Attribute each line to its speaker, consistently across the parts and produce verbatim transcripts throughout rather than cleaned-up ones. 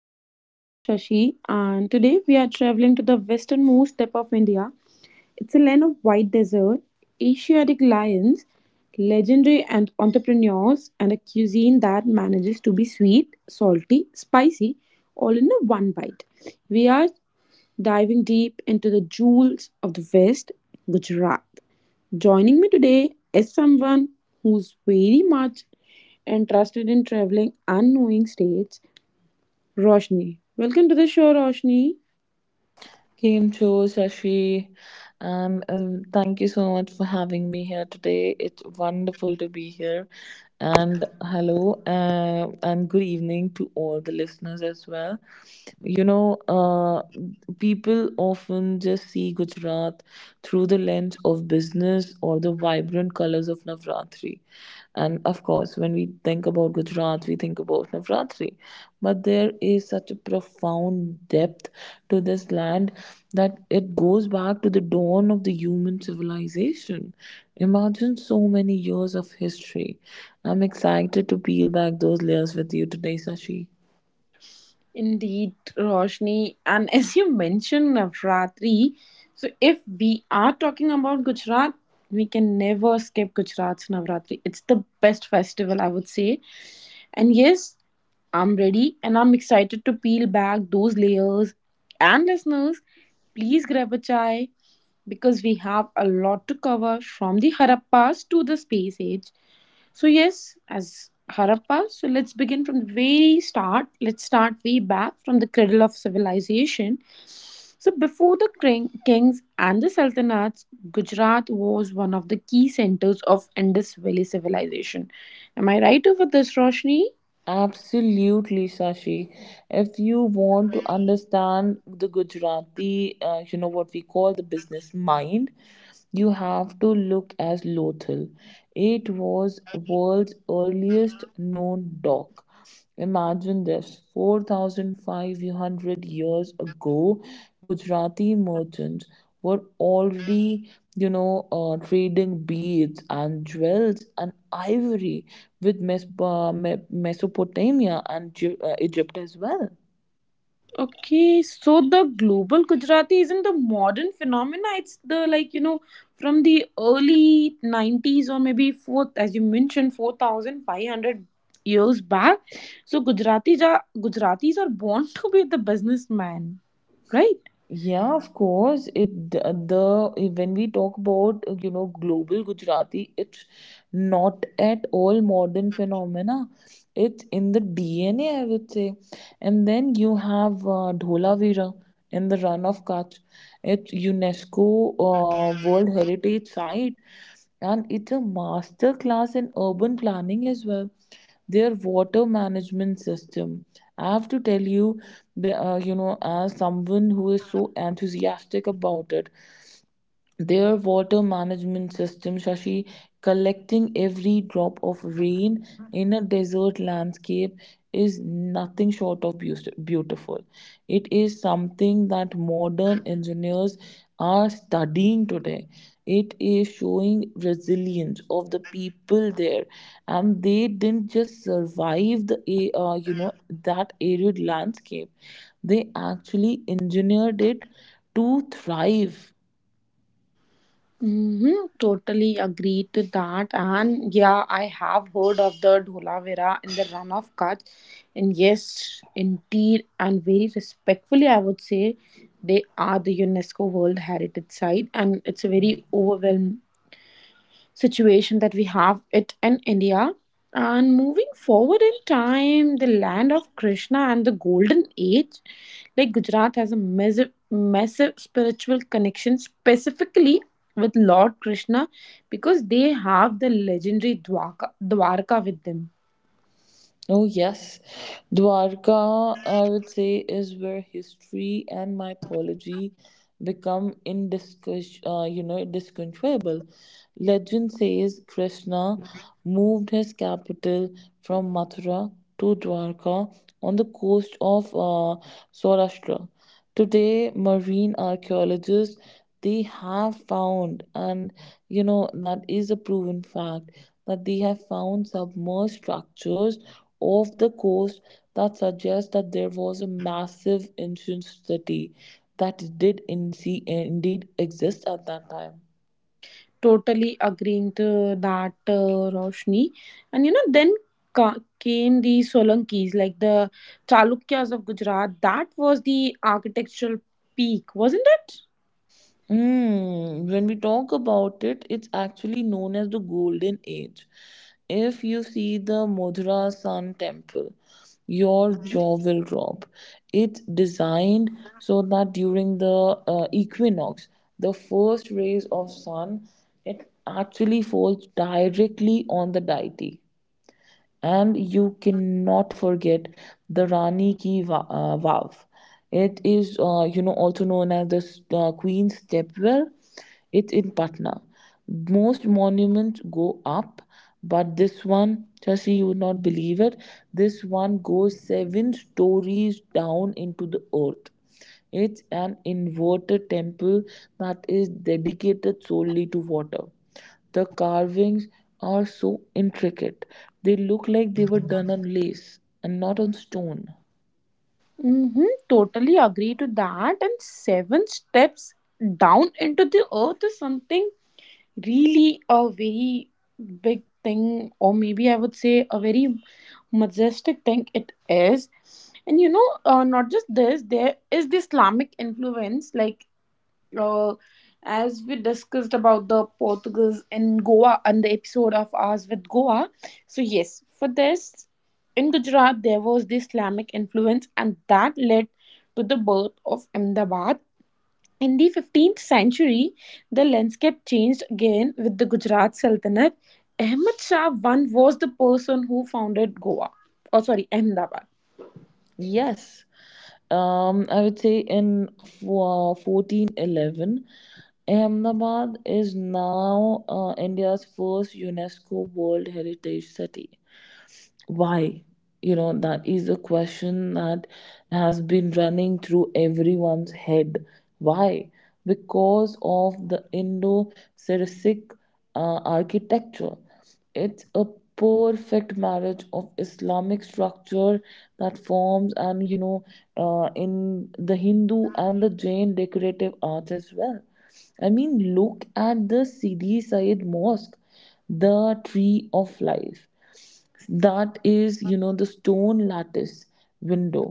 Speaker 1: I'm your host Shashi, and today we are traveling to the westernmost tip of India. It's a land of white desert, Asiatic lions, legendary and entrepreneurs, and a cuisine that manages to be sweet, salty, spicy, all in a one bite. We are diving deep into the jewels of the West, Gujarat. Joining me today is someone who's very much interested in traveling and knowing states, Roshni. Welcome to the show, Roshni.
Speaker 2: Kimcho, Shashi, um, um, thank you so much for having me here today. It's wonderful to be here. And hello, uh, and good evening to all the listeners as well. You know, uh, People often just see Gujarat through the lens of business or the vibrant colors of Navratri. And of course, when we think about Gujarat, we think about Navratri. But there is such a profound depth to this land that it goes back to the dawn of the human civilization. Imagine so many years of history. I'm excited to peel back those layers with you today, Sashi.
Speaker 1: Indeed, Roshni. And as you mentioned, Navratri. So, if we are talking about Gujarat, we can never skip Gujarat's Navratri. It's the best festival, I would say. And yes, I'm ready and I'm excited to peel back those layers. And listeners, please grab a chai because we have a lot to cover from the Harappas to the space age. So, yes, as Harappas, so let's begin from the very start. Let's start way back from the cradle of civilization. So, before the king- kings and the sultanates, Gujarat was one of the key centers of Indus Valley civilization. Am I right over this, Roshni?
Speaker 2: Absolutely, Sashi. If you want to understand the Gujarati, uh, you know what we call the business mind, you have to look at Lothal. It was world's earliest known dock. Imagine this four thousand five hundred years ago, Gujarati merchants were already, you know, uh, trading beads and jewels and ivory with Mes- uh, Me- Mesopotamia and Ju- uh, Egypt as well.
Speaker 1: Okay, so the global Gujarati isn't the modern phenomena. It's the like you know from the early nineties or maybe fourth, as you mentioned, four thousand five hundred years back. So Gujaratis are Gujaratis are born to be the businessman, right?
Speaker 2: Yeah, of course. It the the- when we talk about uh, you know global Gujarati, it's not at all modern phenomena. It's in the D N A, I would say. And then you have uh, Dholavira in the Run of Kutch. It's UNESCO uh, World Heritage Site, and it's a master class in urban planning as well, their water management system. I have to tell you, the- uh, you know, as someone who is so enthusiastic about it, their water management system, Shashi, collecting every drop of rain in a desert landscape is nothing short of beaus- beautiful. It is something that modern engineers are studying today. It is showing resilience of the people there, and they didn't just survive the a- uh, you know that arid landscape. They actually engineered it to thrive.
Speaker 1: Mm-hmm, totally agree to that. And yeah, I have heard of the Dholavira in the run of Kutch. And yes, indeed, and very respectfully, I would say they are the UNESCO World Heritage Site, and it's a very overwhelming situation that we have it in India. And moving forward in time, the land of Krishna and the Golden Age, like Gujarat has a massive, massive spiritual connection specifically with Lord Krishna because they have the legendary Dwaka, Dwarka with them.
Speaker 2: Oh, yes. Dwarka, I would say, is where history and mythology become indiscus- uh, you know, discontrollable. Legend says Krishna moved his capital from Mathura to Dwarka on the coast of uh, Saurashtra. Today marine archaeologists, they have found, and you know that is a proven fact, that they have found submerged structures off the coast that suggest that there was a massive ancient city that did in indeed exist at that time.
Speaker 1: Totally agreeing to that, uh, Roshni. And you know, then ca- came the Solankis, like the Chalukyas of Gujarat. That was the architectural peak, wasn't it?
Speaker 2: Mm, when we talk about it, it's actually known as the Golden Age. If you see the Mathura Sun Temple, your jaw will drop. It's designed so that during the uh, equinox, the first rays of sun, it actually falls directly on the deity. And you cannot forget the Rani Ki Va- uh, Vav. It is, uh, you know, also known as the s- uh, Queen's Stepwell. It's in Patna. Most monuments go up, but this one, Shashi, you would not believe it. This one goes seven stories down into the earth. It's an inverted temple that is dedicated solely to water. The carvings are so intricate. They look like they were done on lace and not on stone.
Speaker 1: Mm-hmm, totally agree to that. And seven steps down into the earth is something really a very big thing, or maybe I would say a very majestic thing it is. And you know, uh, not just this, there is the Islamic influence, like uh, as we discussed about the Portuguese in Goa and the episode of ours with Goa. So, yes, for this, in Gujarat, there was the Islamic influence, and that led to the birth of Ahmedabad in the fifteenth century, the landscape changed again with the Gujarat Sultanate. Ahmad Shah I was the person who founded Goa, or sorry, Ahmedabad.
Speaker 2: Yes, um, I would say in fo- fourteen eleven, Ahmedabad is now uh, India's first UNESCO World Heritage City. Why? You know, that is a question that has been running through everyone's head. Why? Because of the indo-saracenic uh, architecture. It's a perfect marriage of Islamic structure that forms, and you know uh, in the Hindu and the Jain decorative arts as well. I mean, look at the Sidi Said Mosque, the tree of life, that is, you know, the stone lattice window,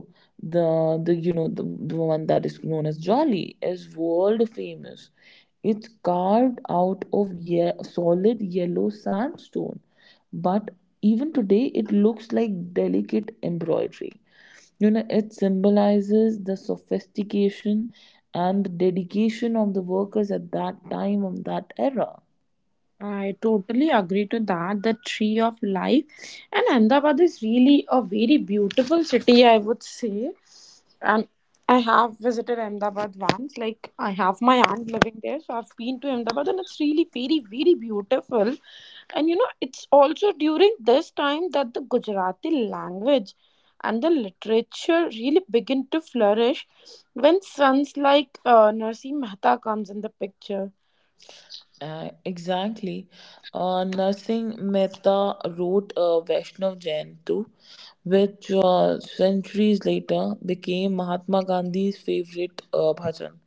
Speaker 2: the the you know the, the one that is known as jolly, is world famous. It's carved out of ye- solid yellow sandstone, but even today it looks like delicate embroidery. You know, it symbolizes the sophistication and the dedication of the workers at that time, of that era.
Speaker 1: I totally agree to that. The tree of life, and Ahmedabad is really a very beautiful city, I would say. And I have visited Ahmedabad once. Like I have my aunt living there, so I've been to Ahmedabad, and it's really very, very beautiful. And you know, it's also during this time that the Gujarati language and the literature really begin to flourish when sons like uh, Narsim Mehta comes in the picture.
Speaker 2: Uh, exactly. Uh, Narsingh Mehta wrote uh, Vaishnav Jain too, which uh, centuries later became Mahatma Gandhi's favorite uh, bhajan.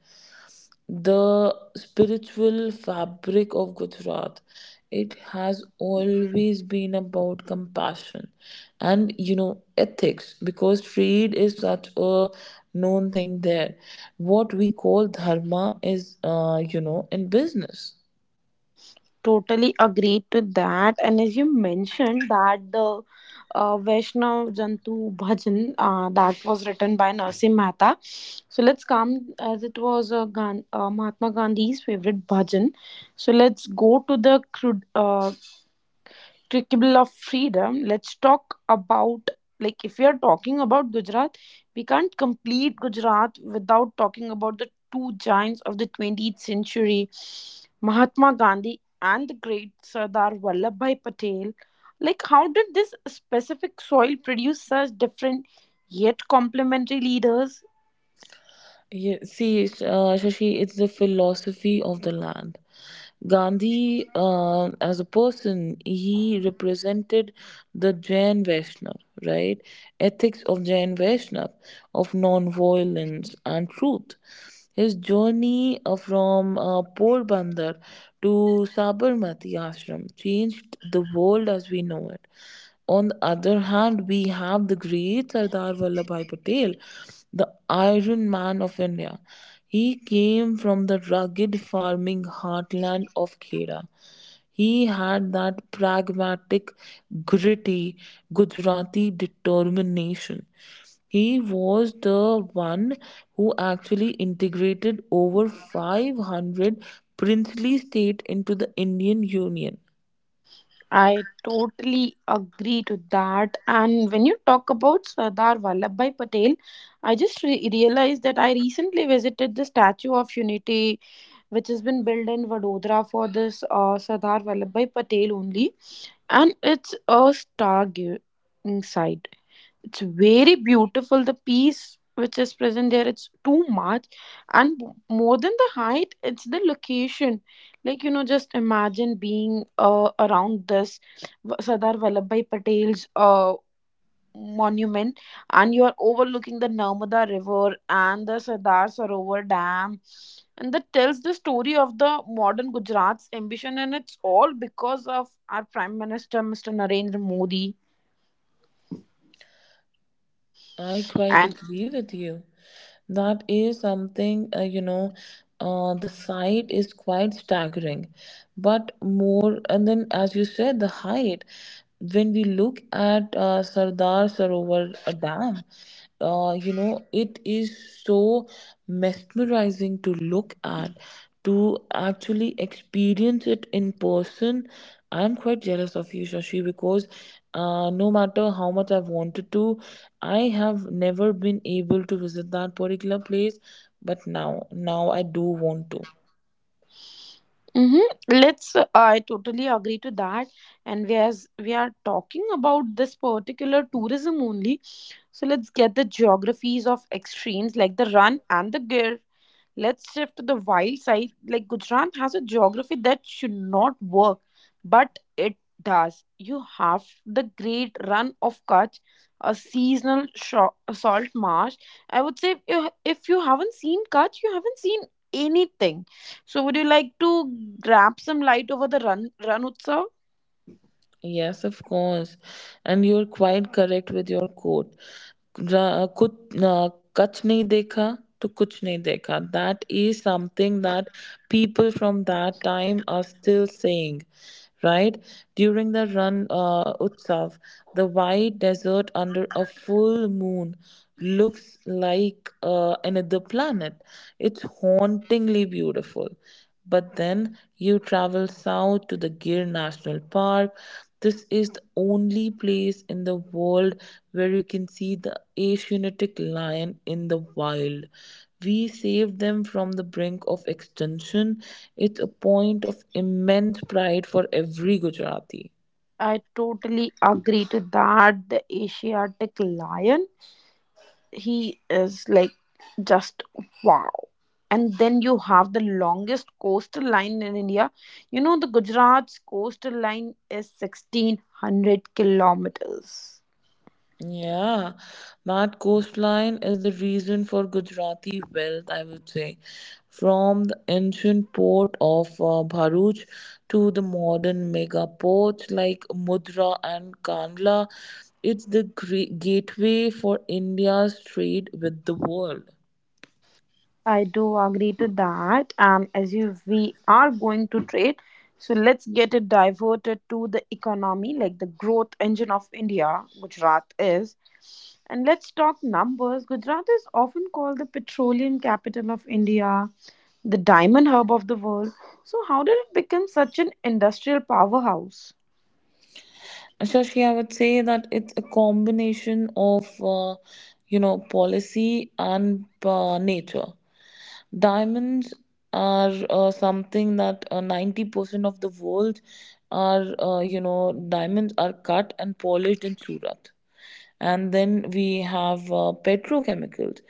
Speaker 2: The spiritual fabric of Gujarat, it has always been about compassion and, you know, ethics, because trade is such a known thing there. What we call dharma is, uh, you know in business.
Speaker 1: Totally agreed to that. And as you mentioned that the uh, Vaishnav Jantu Bhajan uh, that was written by Narsim Mehta. So let's come as it was uh, Gan- uh, Mahatma Gandhi's favorite bhajan. So let's go to the cru- uh, Crucible of freedom. Let's talk about like if we are talking about Gujarat, we can't complete Gujarat without talking about the two giants of the twentieth century, Mahatma Gandhi and the great Sardar Vallabhbhai Patel. Like, how did this specific soil produce such different yet complementary leaders?
Speaker 2: Yeah, see, uh, Shashi, it's the philosophy of the land. Gandhi, uh, as a person, he represented the Jain Vaishnav, right? Ethics of Jain Vaishnav, of non-violence and truth. His journey uh, from uh, Porbandar to Sabarmati Ashram changed the world as we know it. On the other hand, we have the great Sardar Vallabhbhai Patel, the Iron Man of India. He came from the rugged farming heartland of Kheda. He had that pragmatic, gritty Gujarati determination. He was the one who actually integrated over five hundred princely states into the Indian Union.
Speaker 1: I totally agree to that. And when you talk about Sardar Vallabhbhai Patel, I just re- realized that I recently visited the Statue of Unity, which has been built in Vadodara for this uh, Sardar Vallabhbhai Patel only, and it's a stargazing sight. It's very beautiful. The peace which is present there it's too much. And m- more than the height it's the location. Like you know, just imagine being uh, around this V- sardar Vallabhbhai Patel's uh, monument, and you are overlooking the Narmada river and the Sardar Sarovar dam, and that tells the story of the modern Gujarat's ambition, and it's all because of our Prime Minister Mr. Narendra Modi.
Speaker 2: I quite agree with you. That is something, uh, you know, uh, the sight is quite staggering. But more, and then as you said, the height. When we look at uh, Sardar Sarovar uh, Dam, uh, you know, it is so mesmerizing to look at, to actually experience it in person. I'm quite jealous of you, Shashi, because uh, no matter how much I've wanted to, I have never been able to visit that particular place. But now, now I do want to.
Speaker 1: Mm-hmm. Let's. Uh, I totally agree to that. And we as we are talking about this particular tourism only, so let's get the geographies of extremes like the run and the gear. Let's shift to the wild side. Like Gujarat has a geography that should not work, but it does. You have the great run of Kutch, a seasonal sho- salt marsh. I would say if you, if you haven't seen Kutch, you haven't seen anything. So would you like to grab some light over the run run utsav?
Speaker 2: Yes, of course. And you're quite correct with your quote. Ra- Kuch uh, kuch nahi dekha to kuch nahi dekha. That is something that people from that time are still saying, right? During the Ran uh, Utsav, the white desert under a full moon looks like uh, another planet. It's hauntingly beautiful. But then you travel south to the Gir National Park. This is the only place in the world where you can see the Asiatic lion in the wild. We saved them from the brink of extinction. It's a point of immense pride for every Gujarati.
Speaker 1: I totally agree to that. The Asiatic lion, he is like just wow. And then you have the longest coastal line in India. You know, the Gujarat's coastal line is sixteen hundred kilometers.
Speaker 2: Yeah, that coastline is the reason for Gujarati wealth, I would say. From the ancient port of uh, Bharuch to the modern mega ports like Mudra and Kandla, it's the gre- gateway for India's trade with the world.
Speaker 1: I do agree to that. And as you, we are going to trade, so let's get it diverted to the economy, like the growth engine of India, Gujarat is. And let's talk numbers. Gujarat is often called the petroleum capital of India, the diamond hub of the world. So, how did it become such an industrial powerhouse?
Speaker 2: Shashi, I would say that it's a combination of, uh, you know, policy and uh, nature. Diamonds are uh, something that uh, ninety percent of the world are, uh, you know, diamonds are cut and polished in Surat. And then we have uh, petrochemicals.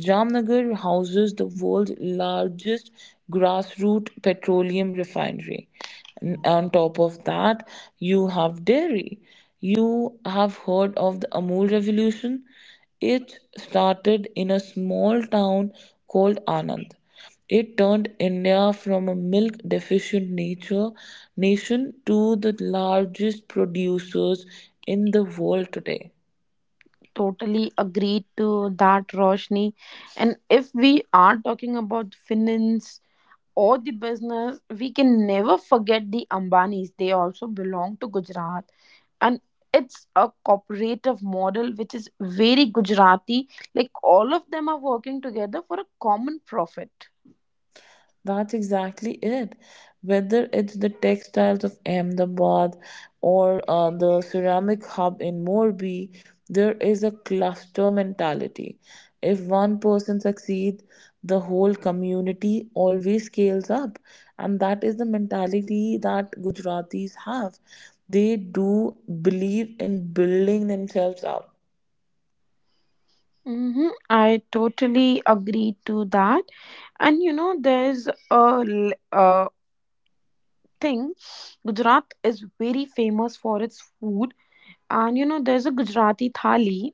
Speaker 2: Jamnagar houses the world's largest grassroots petroleum refinery. N- On top of that, you have dairy. You have heard of the Amul revolution? It started in a small town called Anand. It turned India from a milk deficient nature nation to the largest producers in the world today.
Speaker 1: Totally agreed to that, Roshni. And if we are talking about finance, or the business, we can never forget the Ambanis. They also belong to Gujarat. And it's a cooperative model which is very Gujarati. Like all of them are working together for a common profit.
Speaker 2: That's exactly it. Whether it's the textiles of Ahmedabad or uh, the ceramic hub in Morbi, there is a cluster mentality. If one person succeeds, the whole community always scales up. And that is the mentality that Gujaratis have. They do believe in building themselves up.
Speaker 1: Mm-hmm. I totally agree to that. And you know, there's a, l- a thing, Gujarat is very famous for its food. And you know, there's a Gujarati thali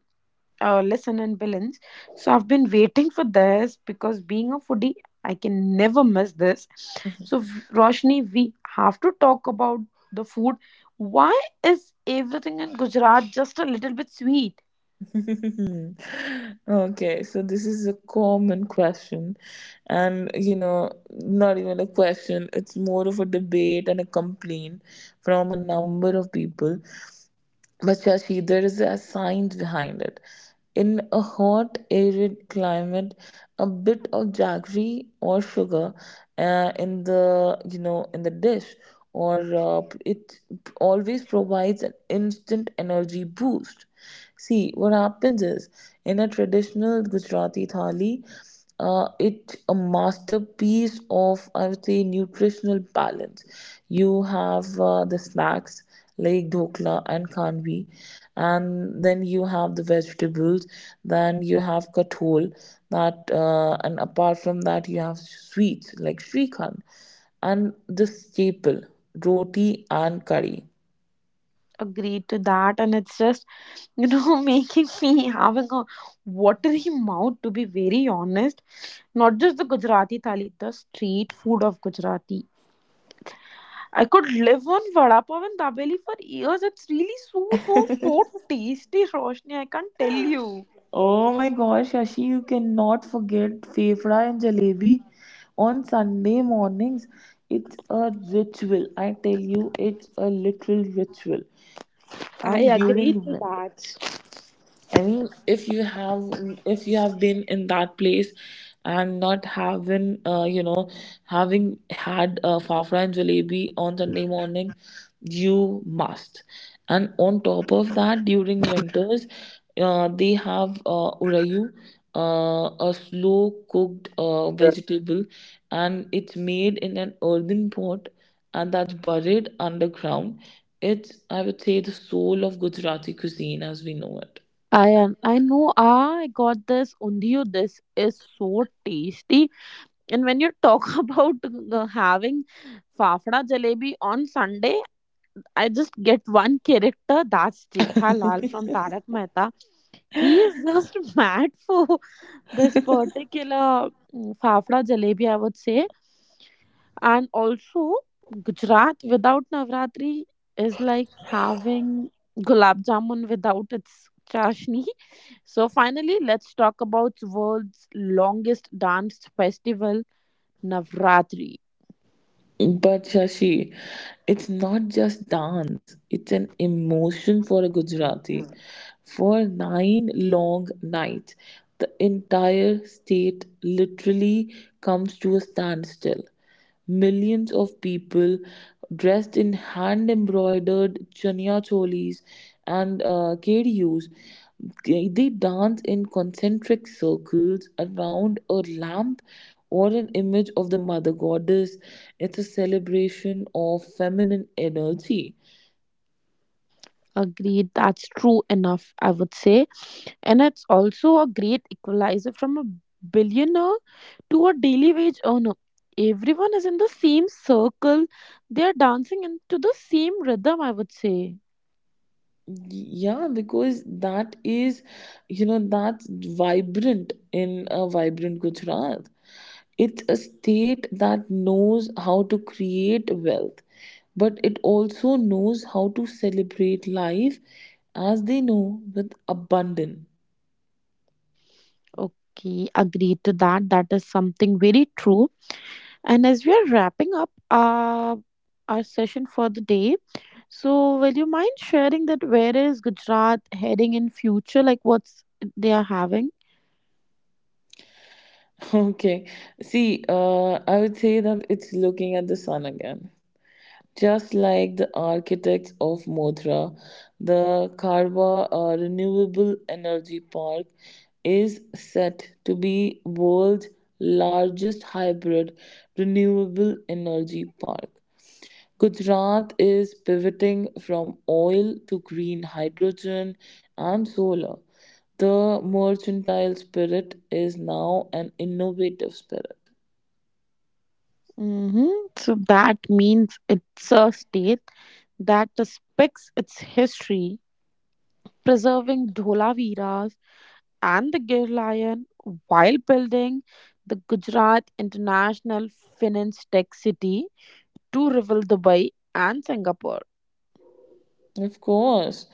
Speaker 1: uh, lesson and balance. So I've been waiting for this because being a foodie, I can never miss this. So v- Roshni, we have to talk about the food. Why is everything in Gujarat just a little bit sweet?
Speaker 2: Okay, so this is a common question, and you know, not even a question, it's more of a debate and a complaint from a number of people. But Shashi, there is a science behind it. In a hot, arid climate, a bit of jaggery or sugar uh, in the, you know, in the dish, or uh, it always provides an instant energy boost. See, what happens is, in a traditional Gujarati thali, uh, it's a masterpiece of, I would say, nutritional balance. You have uh, the snacks like dhokla and kanvi, and then you have the vegetables, then you have kathol, that uh, and apart from that you have sweets like shrikhand and the staple roti and curry.
Speaker 1: Agreed to that, and it's just you know making me having a watery mouth to be very honest. Not just the Gujarati thali, the street food of Gujarati. I could live on vada pav and dabeli for years. It's really so so so tasty, Roshni. I can't tell you.
Speaker 2: Oh my gosh, Shashi, you cannot forget fefda and jalebi on Sunday mornings. It's a ritual, I tell you. It's a literal ritual.
Speaker 1: I
Speaker 2: And
Speaker 1: agree
Speaker 2: during
Speaker 1: to
Speaker 2: winter,
Speaker 1: that.
Speaker 2: I mean, if you have, if you have been in that place and not having, uh, you know having had uh, fafra and jalebi on Sunday morning, you must. And on top of that, during winters, uh, they have uh, urayu, uh, a slow cooked uh, vegetable, and it's made in an earthen pot, and that's buried underground. It's, I would say, the soul of Gujarati cuisine as we know it.
Speaker 1: I un- I know. Ah, I got this undiyo. This is so tasty. And when you talk about uh, having fafda jalebi on Sunday, I just get one character. That's Jetha Lal from Tarak Mehta. He is just mad for this particular mm, fafda jalebi. I would say. And also, Gujarat without Navratri is like having gulab jamun without its chashni. So finally, let's talk about world's longest dance festival, Navratri.
Speaker 2: But Shashi, it's not just dance, it's an emotion for a Gujarati. For nine long nights, the entire state literally comes to a standstill. Millions of people dressed in hand embroidered chania cholis and uh, kedus. They they dance in concentric circles around a lamp or an image of the mother goddess. It's a celebration of feminine energy.
Speaker 1: Agreed, that's true enough, I would say. And it's also a great equalizer from a billionaire to a daily wage earner. Everyone is in the same circle. They're dancing into the same rhythm, I would say.
Speaker 2: Yeah, because that is, you know, that's vibrant in a vibrant Gujarat. It's a state that knows how to create wealth, but it also knows how to celebrate life, as they know, with abundance.
Speaker 1: Okay, agreed to that. That is something very true. And as we are wrapping up uh, our session for the day, so will you mind sharing that where is Gujarat heading in future? Like what's they are having?
Speaker 2: Okay, see, uh, I would say that it's looking at the sun again. Just like the architects of Mothra, the Karwa uh, Renewable Energy Park is set to be world's largest hybrid renewable energy park. Gujarat is pivoting from oil to green hydrogen and solar. The mercantile spirit is now an innovative spirit.
Speaker 1: Hmm. So that means it's a state that respects its history, preserving Dholaviras and the Gir Lion while building the Gujarat International Finance Tech City to rival Dubai and Singapore.
Speaker 2: Of course.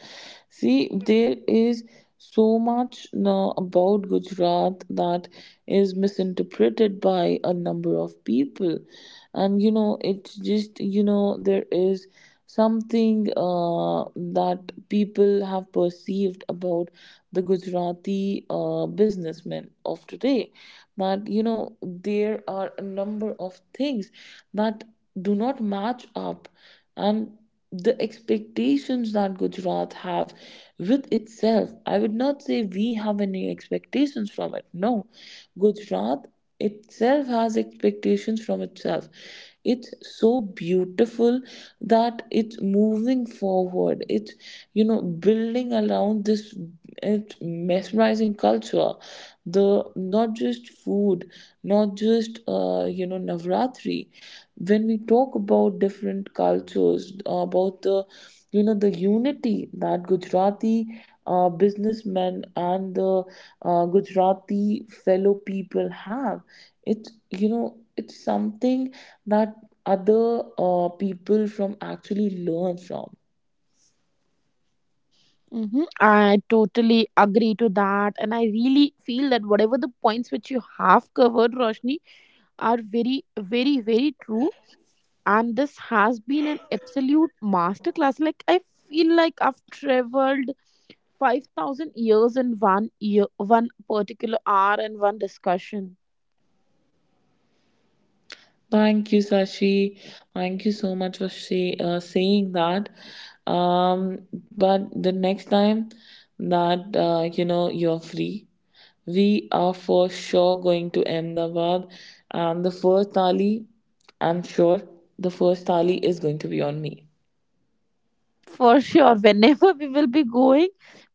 Speaker 2: See, there is so much now about Gujarat that is misinterpreted by a number of people. And you know, it's just, you know, there is something uh, that people have perceived about the Gujarati uh, businessmen of today. That, you know, there are a number of things that do not match up, and the expectations that Gujarat have with itself. I would not say we have any expectations from it. No, Gujarat itself has expectations from itself. It's so beautiful that it's moving forward. It's, you know, building around this, it's mesmerizing culture. The not just food, not just uh, you know Navratri, when we talk about different cultures uh, about the you know the unity that Gujarati uh, businessmen and the uh, Gujarati fellow people have. It's, you know, it's something that other uh, people from actually learn from.
Speaker 1: Hmm, I totally agree to that, and I really feel that whatever the points which you have covered, Roshni, are very, very, very true. And this has been an absolute masterclass. Like I feel like I've traveled five thousand years in one year, one particular hour, and one discussion.
Speaker 2: Thank you, Sashi. Thank you so much for say, uh, saying that. Um, but the next time that, uh, you know you're free, we are for sure going to Ahmedabad, and the first thali, I'm sure the first thali is going to be on me.
Speaker 1: For sure, whenever we will be going,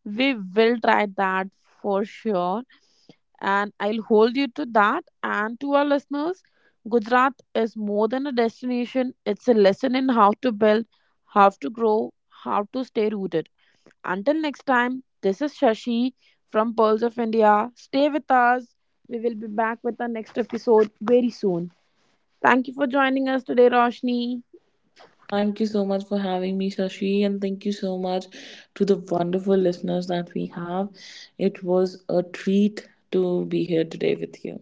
Speaker 1: we will try that for sure. And I'll hold you to that. And to our listeners, Gujarat is more than a destination, it's a lesson in how to build, how to grow, how to stay rooted. Until next time, this is Shashi from Pearls of India. Stay with us. We will be back with our next episode very soon. Thank you for joining us today, Roshni.
Speaker 2: Thank you so much for having me, Shashi, and thank you so much to the wonderful listeners that we have. It was a treat to be here today with you.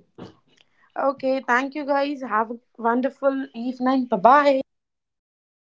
Speaker 1: Okay, thank you guys. Have a wonderful evening. Bye bye.